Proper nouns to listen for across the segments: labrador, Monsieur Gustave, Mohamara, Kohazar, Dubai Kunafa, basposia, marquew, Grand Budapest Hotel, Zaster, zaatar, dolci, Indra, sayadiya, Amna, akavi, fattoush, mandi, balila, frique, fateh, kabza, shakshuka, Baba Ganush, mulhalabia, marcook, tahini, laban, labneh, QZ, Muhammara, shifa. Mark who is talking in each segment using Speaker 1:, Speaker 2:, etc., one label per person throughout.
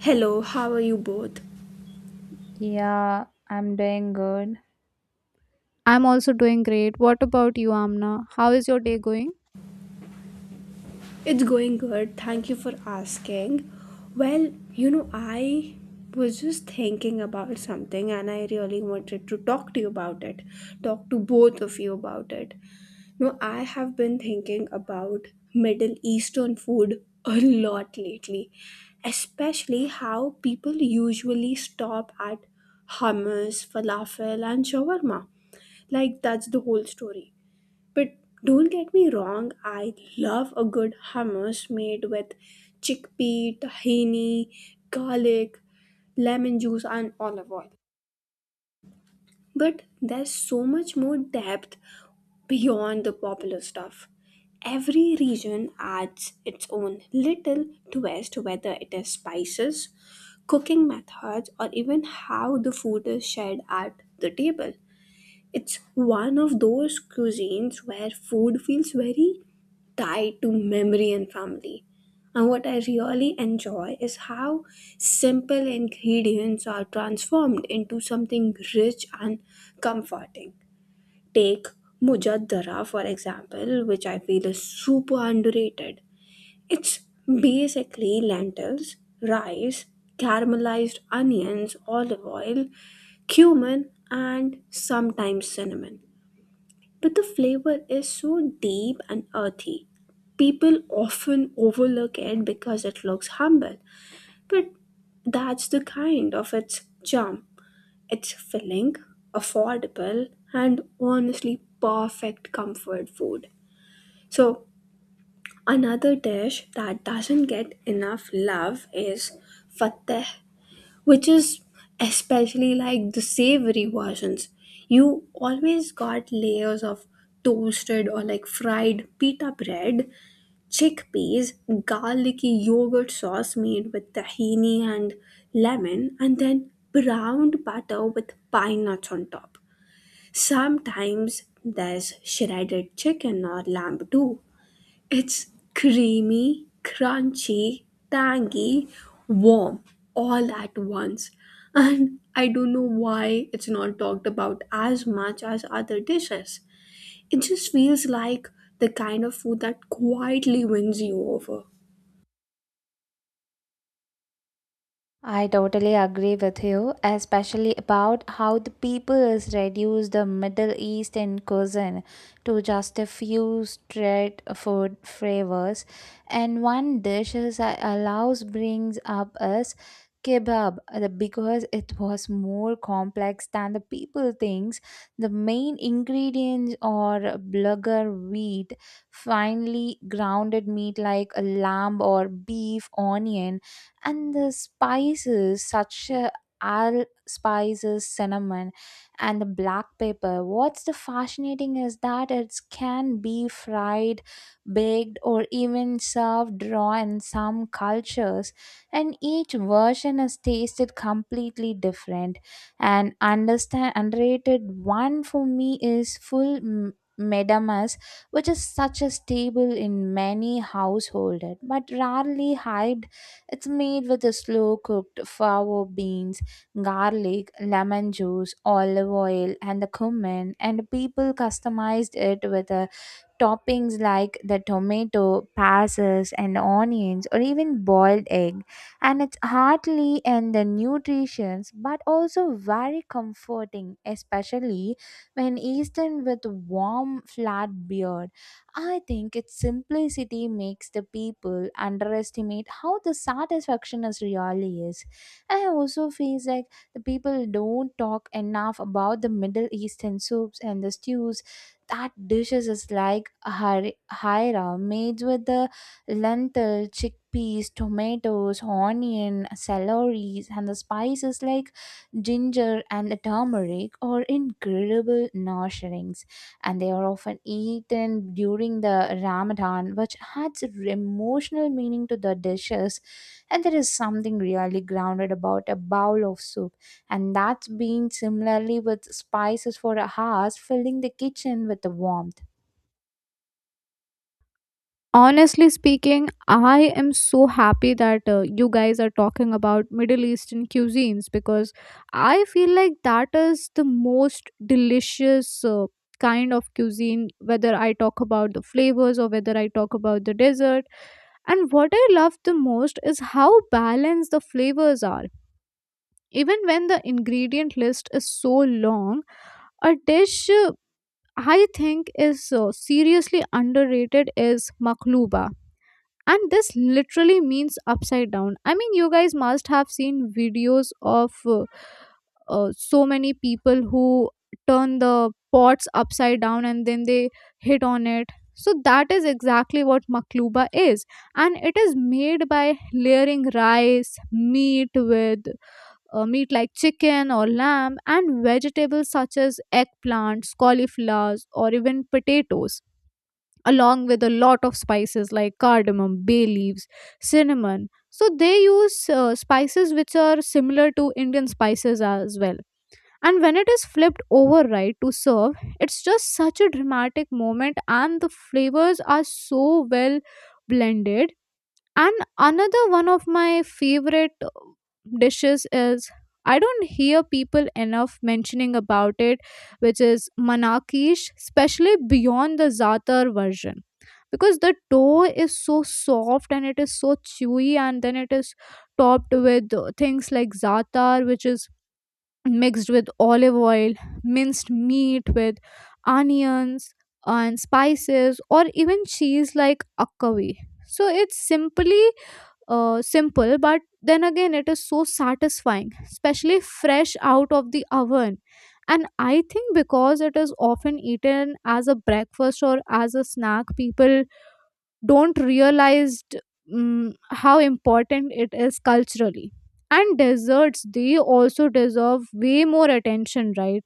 Speaker 1: Hello, how are you both?
Speaker 2: Yeah, I'm doing good.
Speaker 3: I'm also doing great. What about you, Amna? How is your day going?
Speaker 1: It's going good. Thank you for asking. I was just thinking about something and I really wanted to talk to you about it. Talk to both of you about it. You know, I have been thinking about Middle Eastern food a lot lately, especially how people usually stop at hummus, falafel, and shawarma. Like, that's the whole story. But don't get me wrong, I love a good hummus made with chickpea, tahini, garlic, lemon juice, and olive oil. But there's so much more depth beyond the popular stuff. Every region adds its own little twist, whether it is spices, cooking methods, or even how the food is shared at the table. It's one of those cuisines where food feels very tied to memory and family. And what I really enjoy is how simple ingredients are transformed into something rich and comforting. Take Mujaddara, for example, which I feel is super underrated. It's basically lentils, rice, caramelized onions, olive oil, cumin, and sometimes cinnamon, but the flavor is so deep and earthy. People often overlook it because it looks humble, but that's the kind of its charm. It's filling, affordable, and honestly perfect comfort food. So, another dish that doesn't get enough love is fateh, which is especially like the savory versions. You always got layers of toasted or like fried pita bread, chickpeas, garlicky yogurt sauce made with tahini and lemon, and then browned butter with pine nuts on top. Sometimes there's shredded chicken or lamb too. It's creamy, crunchy, tangy, warm all at once. And I don't know why it's not talked about as much as other dishes. It just feels like the kind of food that quietly wins you over.
Speaker 2: I totally agree with you, especially about how the peoples reduce the Middle Eastern cuisine to just a few straight food flavors. And one dish is that allows brings up is kebab, because it was more complex than the people thinks. The main ingredients are bulgur wheat, finely grounded meat like a lamb or beef, onion, and the spices such all spices, cinnamon, and the black pepper. What's the fascinating is that it can be fried, baked, or even served raw in some cultures, and each version is tasted completely different. And understand underrated one for me is full medamas, which is such a staple in many households but rarely hyped. It's made with a slow cooked fava beans, garlic, lemon juice, olive oil, and the cumin, and people customized it with a toppings like the tomato, pasas, and onions, or even boiled egg. And it's heartily and the nutritions, but also very comforting, especially when eaten with warm, flat beer. I think its simplicity makes the people underestimate how the satisfaction is really is. I also feel like the people don't talk enough about the Middle Eastern soups and the stews. That dishes is like haira, made with the lentil, chickpeas, tomatoes, onion, celeries, and the spices like ginger and the turmeric, are incredible nourishings, and they are often eaten during the Ramadan, which adds emotional meaning to the dishes. And there is something really grounded about a bowl of soup, and that's been similarly with spices for hours, filling the kitchen with the warmth.
Speaker 3: Honestly speaking, I am so happy that you guys are talking about Middle Eastern cuisines because I feel like that is the most delicious kind of cuisine, whether I talk about the flavors or whether I talk about the dessert. And what I love the most is how balanced the flavors are. Even when the ingredient list is so long, a dish I think is seriously underrated is makluba. And this literally means upside down. I mean, you guys must have seen videos of so many people who turn the pots upside down and then they hit on it. So, that is exactly what makluba is. And it is made by layering rice, meat with meat like chicken or lamb, and vegetables such as eggplants, cauliflowers, or even potatoes, along with a lot of spices like cardamom, bay leaves, cinnamon. So they use spices which are similar to Indian spices as well. And when it is flipped over right to serve, it's just such a dramatic moment, and the flavors are so well blended. And another one of my favorite dishes is, I don't hear people enough mentioning about it, which is manakish, especially beyond the zaatar version. Because the dough is so soft and it is so chewy, and then it is topped with things like zaatar, which is mixed with olive oil, minced meat with onions and spices, or even cheese like akavi. So it's simply simple, but then again, it is so satisfying, especially fresh out of the oven. And I think because it is often eaten as a breakfast or as a snack, people don't realize how important it is culturally. And desserts, they also deserve way more attention, right?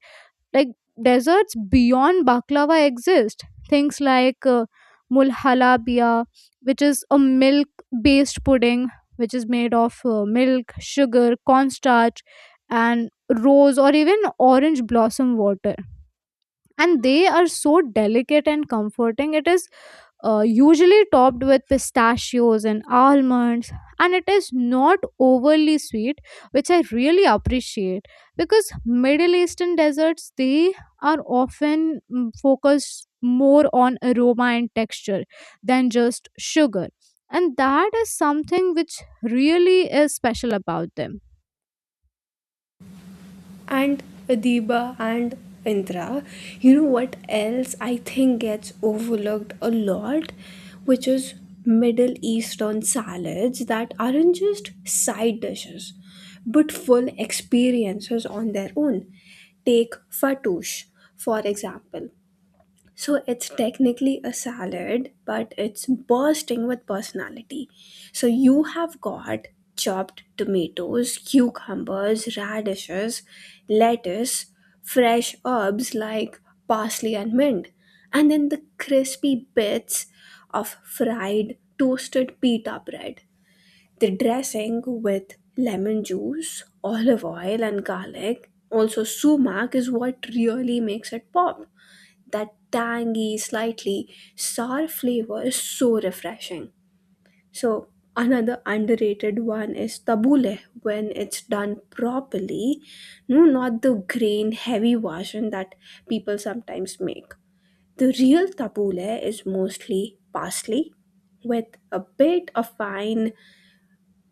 Speaker 3: Like desserts beyond baklava exist, things like mulhalabia, which is a milk based pudding, which is made of milk, sugar, cornstarch and rose or even orange blossom water. And they are so delicate and comforting. It is usually topped with pistachios and almonds, and it is not overly sweet, which I really appreciate, because Middle Eastern desserts, they are often focused more on aroma and texture than just sugar, and that is something which really is special about them.
Speaker 1: And Adiba and Indra. You know what else I think gets overlooked a lot, which is Middle Eastern salads that aren't just side dishes but full experiences on their own. Take fattoush, for example. So it's technically a salad, but it's bursting with personality. So you have got chopped tomatoes, cucumbers, radishes, lettuce, fresh herbs like parsley and mint, and then the crispy bits of fried toasted pita bread. The dressing with lemon juice, olive oil, and garlic, also sumac, is what really makes it pop. That tangy, slightly sour flavor is so refreshing. So, another underrated one is tabbouleh when it's done properly. No, not the grain heavy version that people sometimes make. The real tabbouleh is mostly parsley with a bit of fine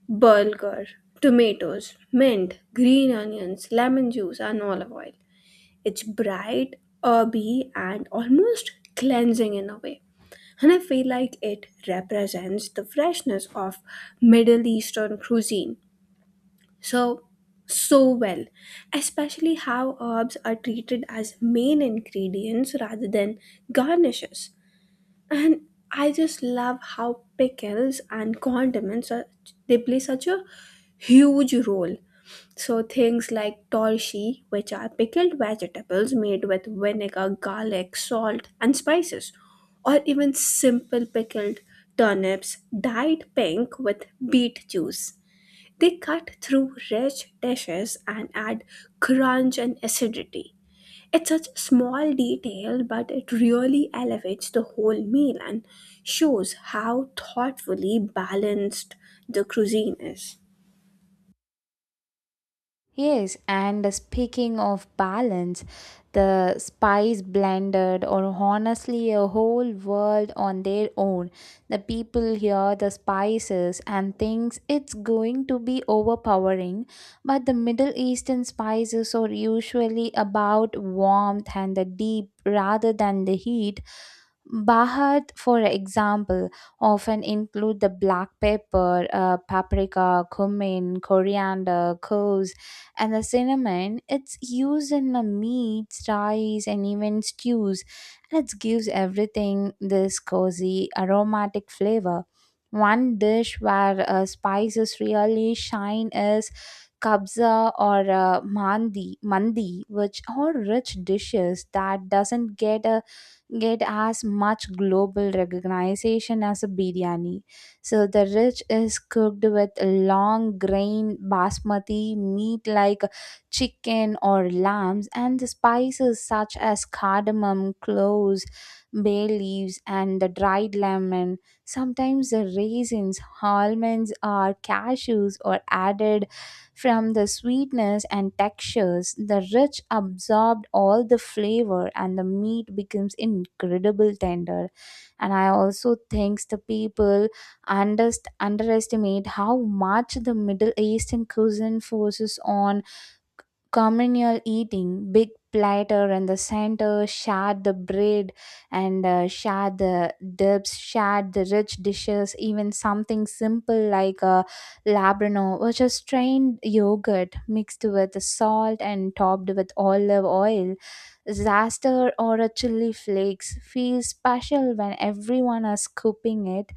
Speaker 1: bulgur, tomatoes, mint, green onions, lemon juice, and olive oil. It's bright, herby, and almost cleansing in a way. And I feel like it represents the freshness of Middle Eastern cuisine. So, so well, especially how herbs are treated as main ingredients rather than garnishes. And I just love how pickles and condiments are, they play such a huge role. So things like dolci, which are pickled vegetables made with vinegar, garlic, salt, and spices, or even simple pickled turnips dyed pink with beet juice, they cut through rich dishes and add crunch and acidity. It's such a small detail, but it really elevates the whole meal and shows how thoughtfully balanced the cuisine is.
Speaker 2: Yes, and speaking of balance, the spice blended or honestly a whole world on their own. The people hear the spices and thinks it's going to be overpowering, but the Middle Eastern spices are usually about warmth and the deep rather than the heat. Bahat, for example, often include the black pepper, paprika, cumin, coriander, cloves, and the cinnamon. It's used in the meats, rice, and even stews, and it gives everything this cozy aromatic flavor. One dish where spices really shine is kabza or mandi. Which are rich dishes that doesn't get as much global recognition as a biryani. So the rich is cooked with long grain basmati, meat like chicken or lambs, and the spices such as cardamom, cloves, bay leaves, and the dried lemon. Sometimes the raisins, almonds, or cashews are added from the sweetness and textures. The rich absorbed all the flavor, and the meat becomes incredible tender. And I also thanks the people underestimate how much the Middle Eastern cuisine forces on communal eating. Big platter in the center, share the bread and share the dips, share the rich dishes, even something simple like a labrador, which is strained yogurt mixed with salt and topped with olive oil. Zaster or a chili flakes feels special when everyone is scooping it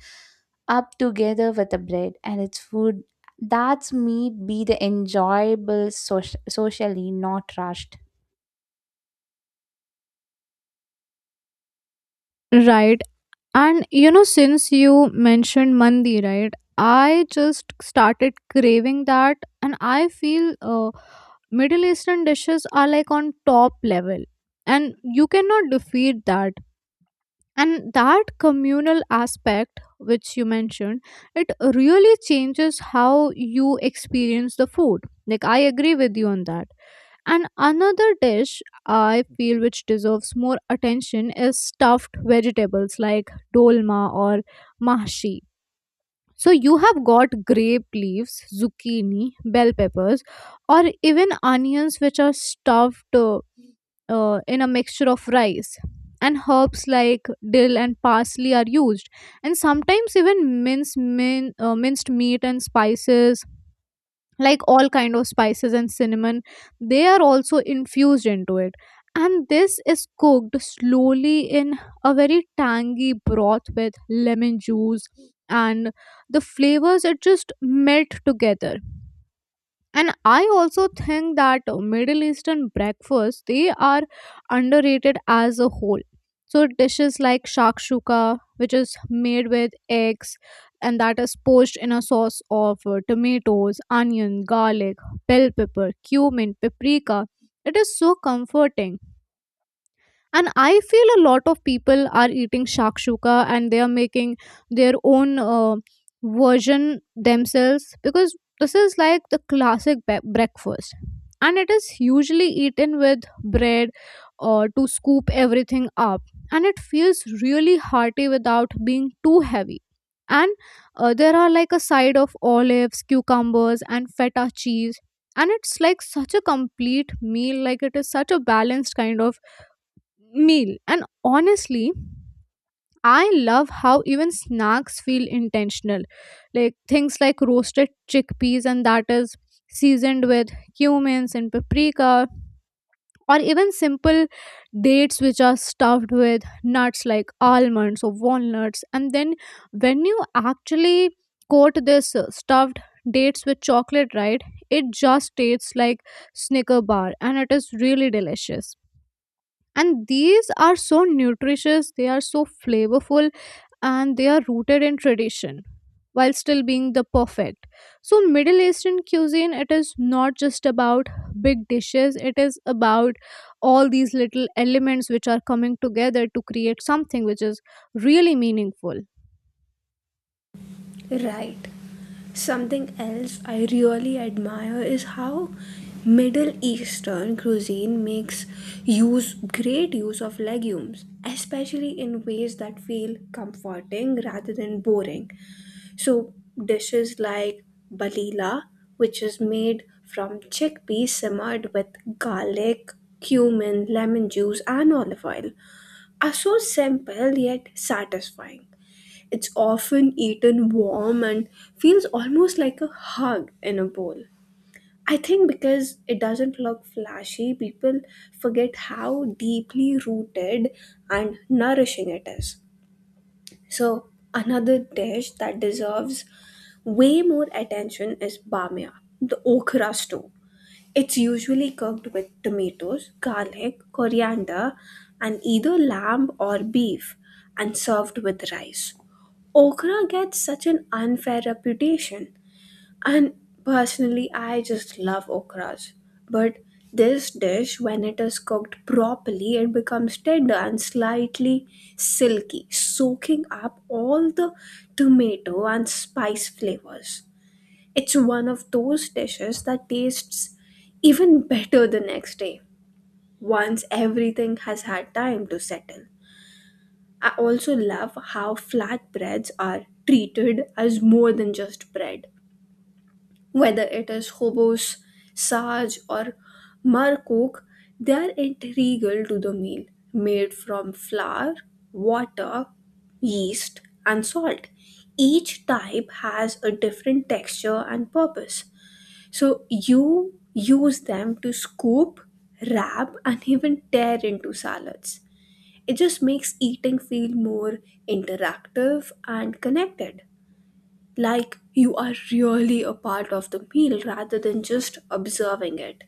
Speaker 2: up together with the bread and its food. That's meat be the enjoyable socially, not rushed.
Speaker 3: Right. And you know, since you mentioned mandi, right? I just started craving that, and I feel Middle Eastern dishes are like on top level, and you cannot defeat that. And that communal aspect, which you mentioned, it really changes how you experience the food. Like, I agree with you on that. And another dish I feel which deserves more attention is stuffed vegetables like dolma or mahshi. So you have got grape leaves, zucchini, bell peppers, or even onions which are stuffed in a mixture of rice. And herbs like dill and parsley are used, and sometimes even minced meat and spices like all kind of spices and cinnamon. They are also infused into it, and this is cooked slowly in a very tangy broth with lemon juice, and the flavors, it just melt together. And I also think that Middle Eastern breakfasts, they are underrated as a whole. So dishes like shakshuka, which is made with eggs and that is poached in a sauce of tomatoes, onion, garlic, bell pepper, cumin, paprika, it is so comforting. And I feel a lot of people are eating shakshuka and they are making their own version themselves because this is like the classic breakfast, and it is usually eaten with bread or to scoop everything up. And it feels really hearty without being too heavy, and there are like a side of olives, cucumbers, and feta cheese, and it's like such a complete meal. Like it is such a balanced kind of meal. And honestly, I love how even snacks feel intentional, like things like roasted chickpeas, and that is seasoned with cumins and paprika, or even simple dates which are stuffed with nuts like almonds or walnuts. And then when you actually coat this stuffed dates with chocolate, right, it just tastes like Snicker bar, and it is really delicious. And these are so nutritious, they are so flavorful, and they are rooted in tradition while still being the perfect. So Middle Eastern cuisine, it is not just about big dishes, it is about all these little elements which are coming together to create something which is really meaningful.
Speaker 1: Right. Something else I really admire is how Middle Eastern cuisine makes use great use of legumes, especially in ways that feel comforting rather than boring. So dishes like balila, which is made from chickpeas simmered with garlic, cumin, lemon juice, and olive oil, are so simple yet satisfying. It's often eaten warm and feels almost like a hug in a bowl. I think because it doesn't look flashy, people forget how deeply rooted and nourishing it is. So, another dish that deserves way more attention is bamia, the okra stew. It's usually cooked with tomatoes, garlic, coriander, and either lamb or beef, and served with rice. Okra gets such an unfair reputation, and personally, I just love okras. But this dish, when it is cooked properly, it becomes tender and slightly silky, soaking up all the tomato and spice flavors. It's one of those dishes that tastes even better the next day, once everything has had time to settle. I also love how flatbreads are treated as more than just bread. Whether it is hobos, sarge, or marcook, they are integral to the meal, made from flour, water, yeast, and salt. Each type has a different texture and purpose. So you use them to scoop, wrap, and even tear into salads. It just makes eating feel more interactive and connected. Like you are really a part of the meal rather than just observing it.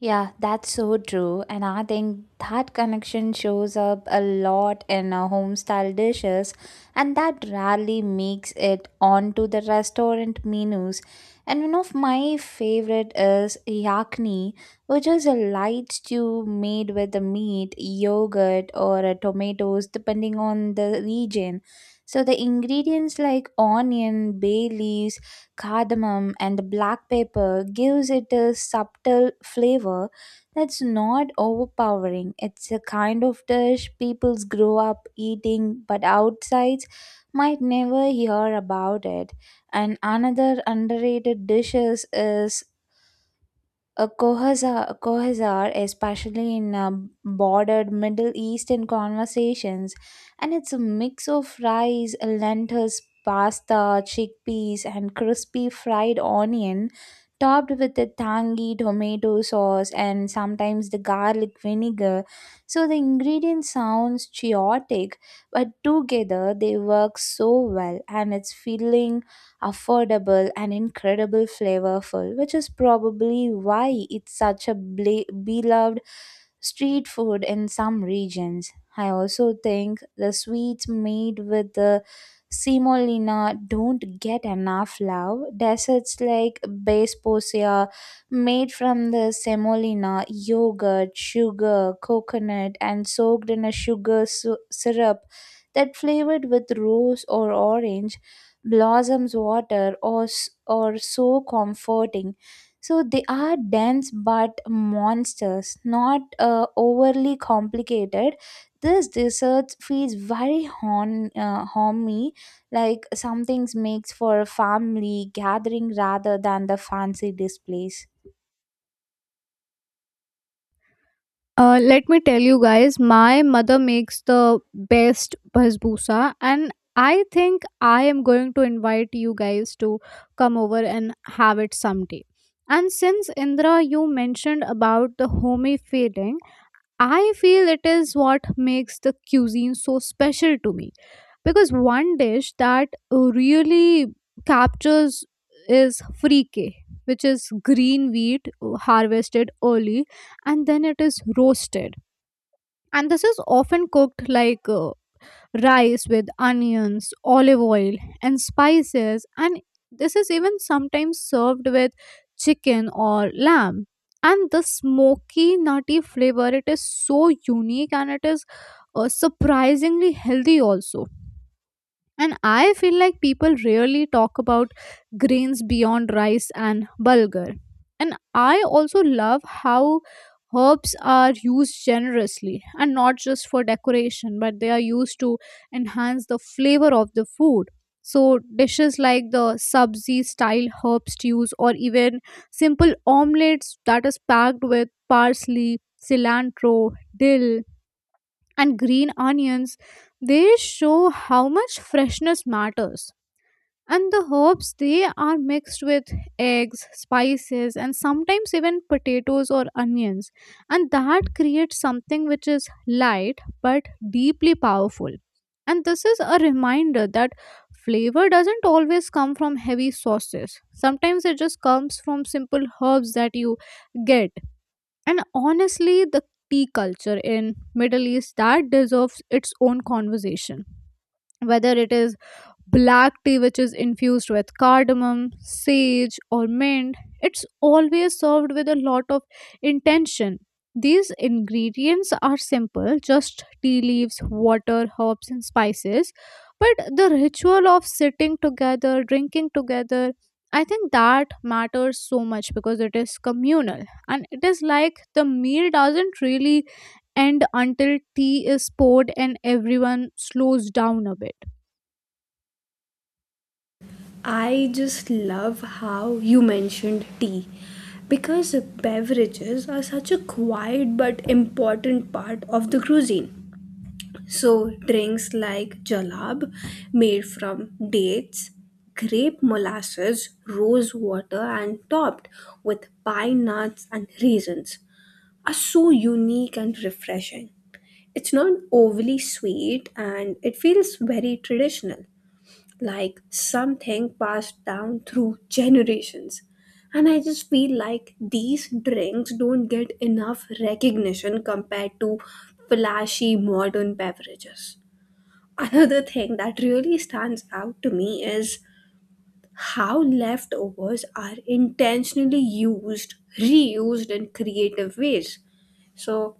Speaker 2: Yeah, that's so true. And I think that connection shows up a lot in our home style dishes, and that rarely makes it onto the restaurant menus. And one of my favorite is yakni, which is a light stew made with the meat, yogurt, or tomatoes, depending on the region. So the ingredients like onion, bay leaves, cardamom, and the black pepper gives it a subtle flavor that's not overpowering. It's a kind of dish people grow up eating, but outsides might never hear about it. And another underrated dish is Kohazar. Especially in bordered Middle Eastern conversations, and it's a mix of rice, lentils, pasta, chickpeas, and crispy fried onion, topped with a tangy tomato sauce and sometimes the garlic vinegar. So the ingredient sounds chaotic, but together they work so well, and it's filling, affordable, and incredible flavorful, which is probably why it's such a beloved street food in some regions. I also think the sweets made with the semolina don't get enough love. Desserts like basposia, made from the semolina, yogurt, sugar, coconut, and soaked in a syrup that flavored with rose or orange blossoms water or so comforting, so they are dense but monsters not overly complicated. This dessert feels very homey, like something makes for a family gathering rather than the fancy displays.
Speaker 3: Let me tell you guys, my mother makes the best basbousa, and I think I am going to invite you guys to come over and have it someday. And since Indra, you mentioned about the homey feeling, I feel it is what makes the cuisine so special to me, because one dish that really captures is frique, which is green wheat harvested early and then it is roasted. And this is often cooked like rice with onions, olive oil, and spices. And this is even sometimes served with chicken or lamb. And the smoky, nutty flavor, it is so unique, and it is surprisingly healthy also. And I feel like people rarely talk about grains beyond rice and bulgur. And I also love how herbs are used generously and not just for decoration, but they are used to enhance the flavor of the food. So, dishes like the sabzi style herb stews or even simple omelets that is packed with parsley, cilantro, dill, and green onions, they show how much freshness matters. And the herbs, they are mixed with eggs, spices, and sometimes even potatoes or onions, and that creates something which is light but deeply powerful. And this is a reminder that flavor doesn't always come from heavy sauces. Sometimes it just comes from simple herbs that you get. And honestly, the tea culture in Middle East, that deserves its own conversation, whether it is black tea which is infused with cardamom, sage, or mint. It's always served with a lot of intention. These ingredients are simple, just tea leaves, water, herbs, and spices. But the ritual of sitting together, drinking together, I think that matters so much because it is communal, and it is like the meal doesn't really end until tea is poured and everyone slows down a bit.
Speaker 1: I just love how you mentioned tea because beverages are such a quiet but important part of the cuisine. So, drinks like jalab, made from dates, grape molasses, rose water, and topped with pine nuts and raisins, are so unique and refreshing. It's not overly sweet and it feels very traditional, like something passed down through generations. And I just feel like these drinks don't get enough recognition compared to flashy modern beverages. Another thing that really stands out to me is how leftovers are intentionally used, reused in creative ways. So,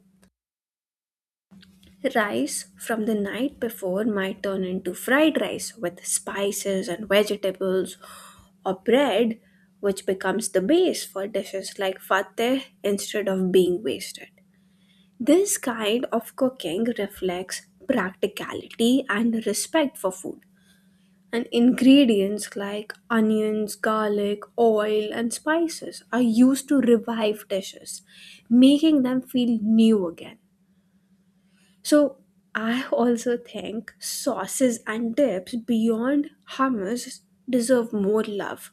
Speaker 1: rice from the night before might turn into fried rice with spices and vegetables, or bread, which becomes the base for dishes like fateh instead of being wasted. This kind of cooking reflects practicality and respect for food, and ingredients like onions, garlic, oil, and spices are used to revive dishes, making them feel new again. So, I also think sauces and dips beyond hummus deserve more love.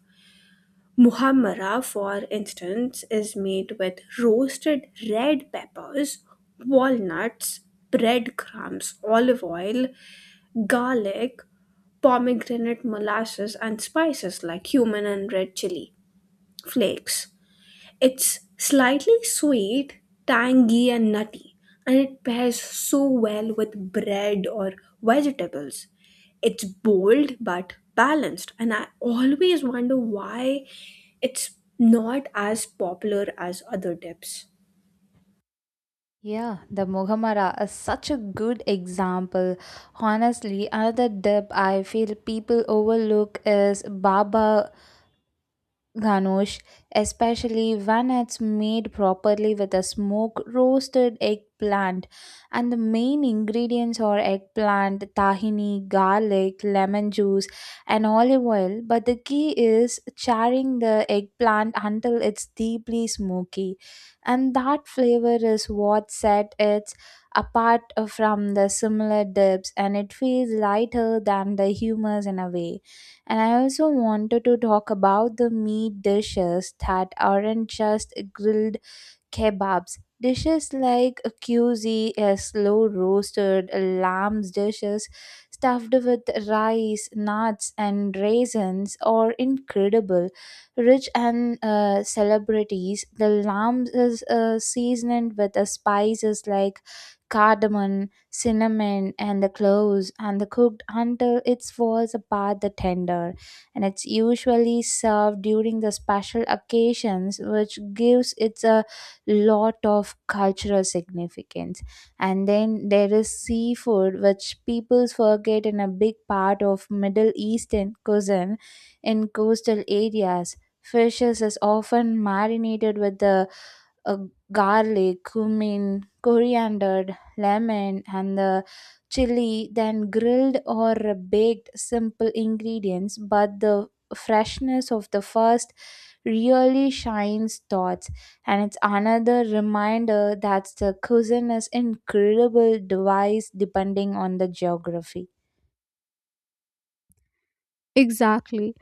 Speaker 1: Muhammara, for instance, is made with roasted red peppers, walnuts, breadcrumbs, olive oil, garlic, pomegranate molasses, and spices like cumin and red chili flakes. It's slightly sweet, tangy, and nutty, and it pairs so well with bread or vegetables. It's bold but balanced, and I always wonder why it's not as popular as other dips.
Speaker 2: Yeah, the Mohamara is such a good example. Honestly, another dip I feel people overlook is Baba Ganush, especially when it's made properly with a smoked roasted eggplant. And the main ingredients are eggplant, tahini, garlic, lemon juice, and olive oil. But the key is charring the eggplant until it's deeply smoky. And that flavor is what set it apart from the similar dips, and it feels lighter than the hummus in a way. And I also wanted to talk about the meat dishes that aren't just grilled kebabs. Dishes like a QZ, a slow roasted lamb's dishes stuffed with rice, nuts, and raisins are incredible. Rich and celebrities, the lamb is seasoned with spices like cardamom, cinnamon, and the cloves, and the cooked until it falls apart the tender. And it's usually served during the special occasions, which gives it a lot of cultural significance. And then there is seafood, which people forget in a big part of Middle Eastern cuisine. In coastal areas, fishes is often marinated with the uh, garlic, cumin, coriander, lemon, and the chili, then grilled or baked. Simple ingredients, but the freshness of the first really shines thoughts, and it's another reminder that the cuisine is incredible device depending on the geography.
Speaker 3: Exactly.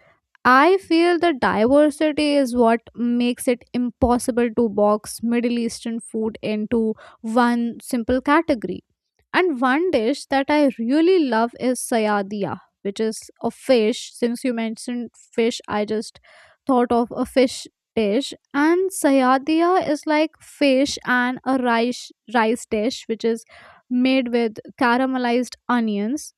Speaker 3: I feel the diversity is what makes it impossible to box Middle Eastern food into one simple category. And one dish that I really love is sayadiya, which is a fish. Since you mentioned fish, I just thought of a fish dish. And sayadiya is like fish and a rice dish, which is made with caramelized onions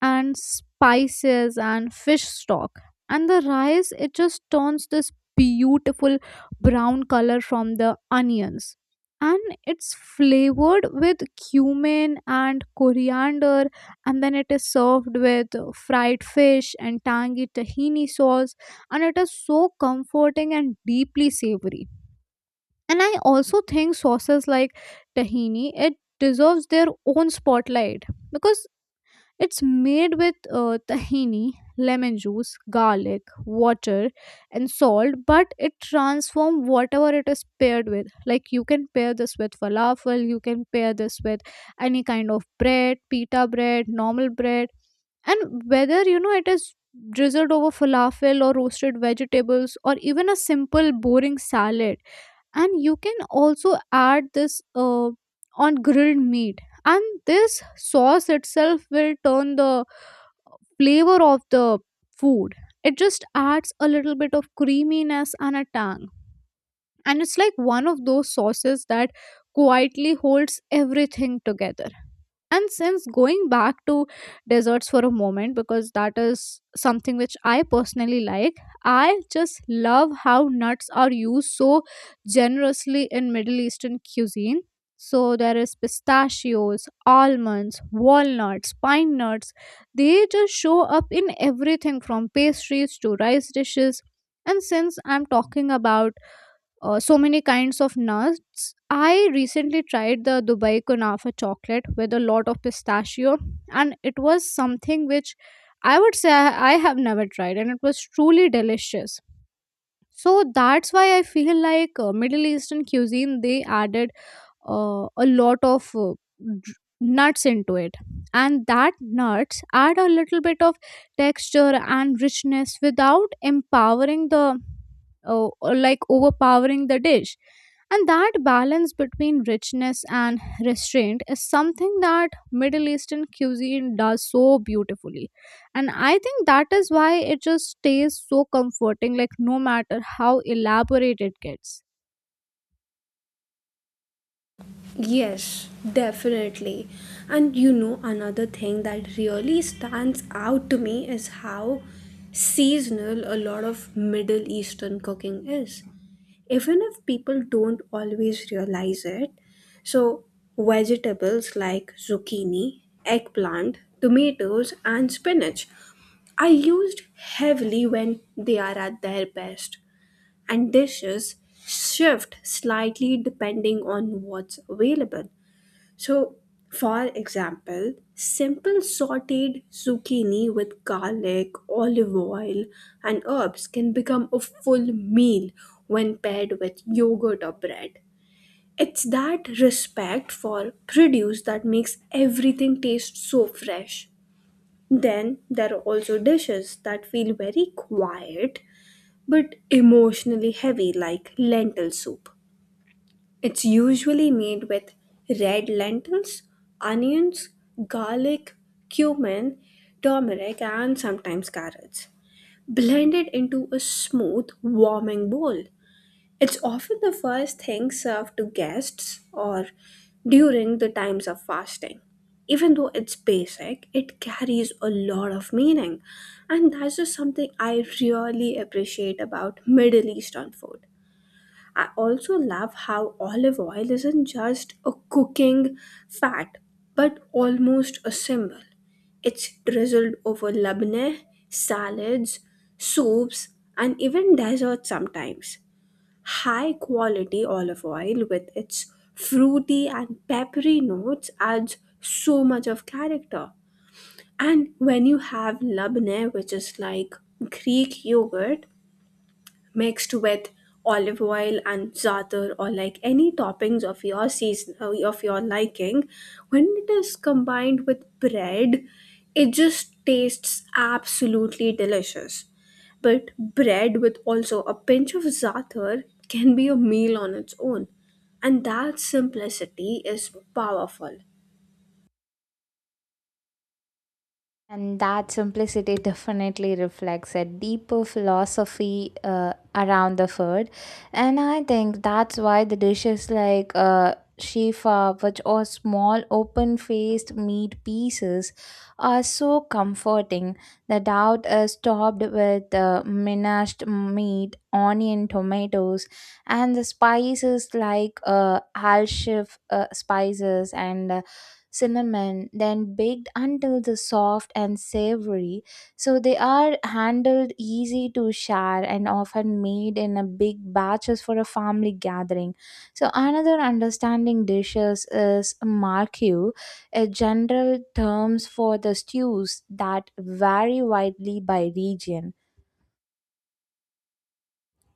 Speaker 3: and spices and fish stock, and the rice, it just turns this beautiful brown color from the onions, and it's flavored with cumin and coriander, and then it is served with fried fish and tangy tahini sauce, and it is so comforting and deeply savory. And I also think sauces like tahini, it deserves their own spotlight because it's made with tahini, lemon juice, garlic, water, and salt, but it transforms whatever it is paired with. Like you can pair this with falafel, you can pair this with any kind of bread, pita bread, normal bread, and whether you know it is drizzled over falafel or roasted vegetables or even a simple boring salad, and you can also add this on grilled meat, and this sauce itself will turn the flavor of the food. It just adds a little bit of creaminess and a tang, and it's like one of those sauces that quietly holds everything together. And since going back to desserts for a moment, because that is something which I personally like, I just love how nuts are used so generously in Middle Eastern cuisine. So there is pistachios, almonds, walnuts, pine nuts, they just show up in everything from pastries to rice dishes. And since I'm talking about so many kinds of nuts, I recently tried the Dubai Kunafa chocolate with a lot of pistachio, and it was something which I would say I have never tried, and it was truly delicious. So that's why I feel like Middle Eastern cuisine they added a lot of dr- nuts into it, and that nuts add a little bit of texture and richness without empowering the or like overpowering the dish. And that balance between richness and restraint is something that Middle Eastern cuisine does so beautifully, and I think that is why it just stays so comforting, like no matter how elaborate it gets.
Speaker 1: Yes, definitely. And you know, another thing that really stands out to me is how seasonal a lot of Middle Eastern cooking is. Even if people don't always realize it, so vegetables like zucchini, eggplant, tomatoes, and spinach are used heavily when they are at their best, and dishes shift slightly depending on what's available. So, for example, simple sauteed zucchini with garlic, olive oil, and herbs can become a full meal when paired with yogurt or bread. It's that respect for produce that makes everything taste so fresh. Then there are also dishes that feel very quiet but emotionally heavy, like lentil soup. It's usually made with red lentils, onions, garlic, cumin, turmeric, and sometimes carrots, blended into a smooth, warming bowl. It's often the first thing served to guests or during the times of fasting. Even though it's basic, it carries a lot of meaning, and that's just something I really appreciate about Middle Eastern food. I also love how olive oil isn't just a cooking fat but almost a symbol. It's drizzled over labneh, salads, soups, and even desserts sometimes. High quality olive oil with its fruity and peppery notes adds so much of character. And when you have labneh, which is like Greek yogurt, mixed with olive oil and za'atar, or like any toppings of your season of your liking, when it is combined with bread, it just tastes absolutely delicious. But bread with also a pinch of za'atar can be a meal on its own, and that simplicity is powerful.
Speaker 2: And that simplicity definitely reflects a deeper philosophy around the food. And I think that's why the dishes like shifa, which are small open faced meat pieces, are so comforting. The doubt is topped with minashed meat, onion, tomatoes, and the spices like al shif spices and cinnamon, then baked until the soft and savory. So they are handled easy to share, and often made in a big batches for a family gathering. So another understanding dishes is marquew, a general terms for the stews that vary widely by region.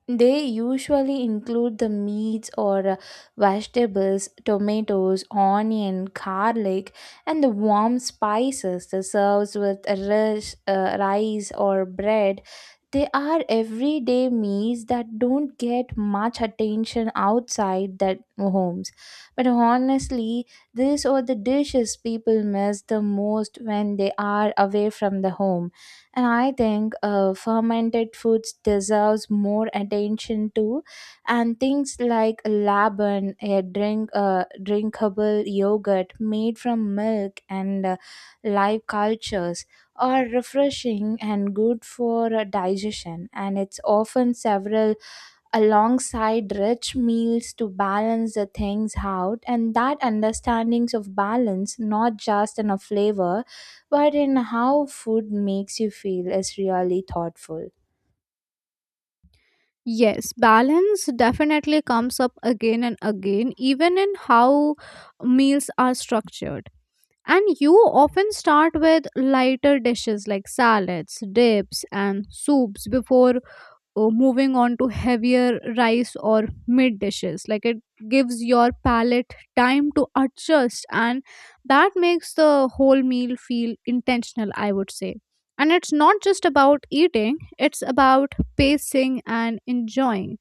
Speaker 2: They usually include the meats or vegetables, tomatoes, onion, garlic, and the warm spices that serves with rice or bread. They are everyday meals that don't get much attention outside their homes. But honestly, these are the dishes people miss the most when they are away from the home. And I think fermented foods deserves more attention too. And things like laban, a drinkable yogurt made from milk and live cultures, are refreshing and good for digestion, and it's often several alongside rich meals to balance the things out. And that understandings of balance, not just in a flavor, but in how food makes you feel, is really thoughtful.
Speaker 3: Yes, balance definitely comes up again and again, even in how meals are structured. And you often start with lighter dishes like salads, dips, and soups before moving on to heavier rice or mid dishes. Like it gives your palate time to adjust, and that makes the whole meal feel intentional, I would say. And it's not just about eating, it's about pacing and enjoying.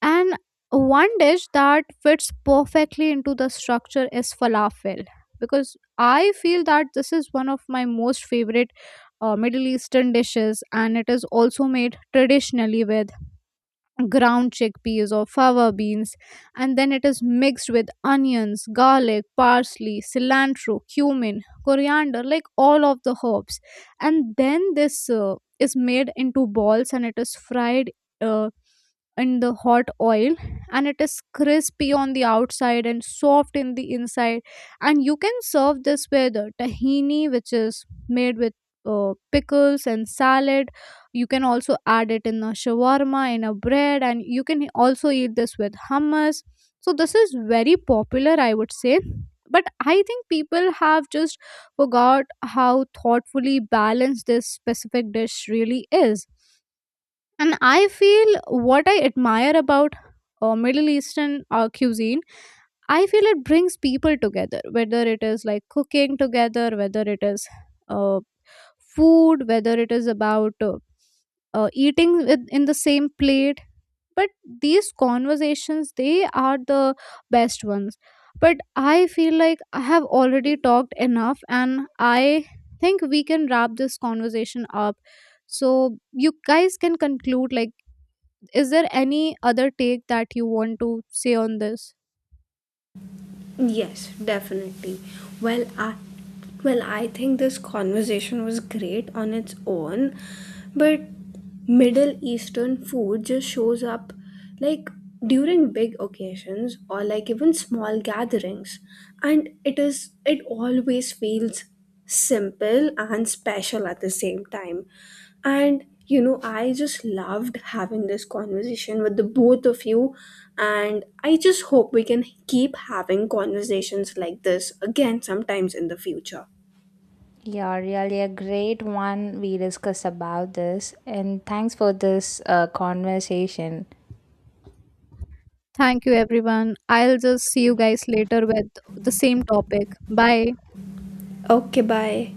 Speaker 3: And one dish that fits perfectly into the structure is falafel, because I feel that this is one of my most favorite Middle Eastern dishes, and it is also made traditionally with ground chickpeas or fava beans, and then it is mixed with onions, garlic, parsley, cilantro, cumin, coriander, like all of the herbs, and then this is made into balls and it is fried uh, in the hot oil, and it is crispy on the outside and soft in the inside. And you can serve this with tahini, which is made with pickles and salad. You can also add it in a shawarma, in a bread, and you can also eat this with hummus. So, this is very popular, I would say. But I think people have just forgot how thoughtfully balanced this specific dish really is. And I feel what I admire about Middle Eastern cuisine, I feel it brings people together, whether it is like cooking together, whether it is uh, food, whether it is about eating with, in the same plate. But these conversations, they are the best ones. But I feel like I have already talked enough, and I think we can wrap this conversation up. So, you guys can conclude, like, is there any other take that you want to say on this?
Speaker 1: Yes, definitely. Well, I well, I think this conversation was great on its own, but Middle Eastern food just shows up like during big occasions or like even small gatherings, and it always feels simple and special at the same time. And you know, I just loved having this conversation with the both of you, and I just hope we can keep having conversations like this again sometimes in the future.
Speaker 2: Yeah, really a great one we discuss about this, and thanks for this conversation.
Speaker 3: Thank you, everyone. I'll just see you guys later with the same topic. Bye.
Speaker 1: Okay, bye.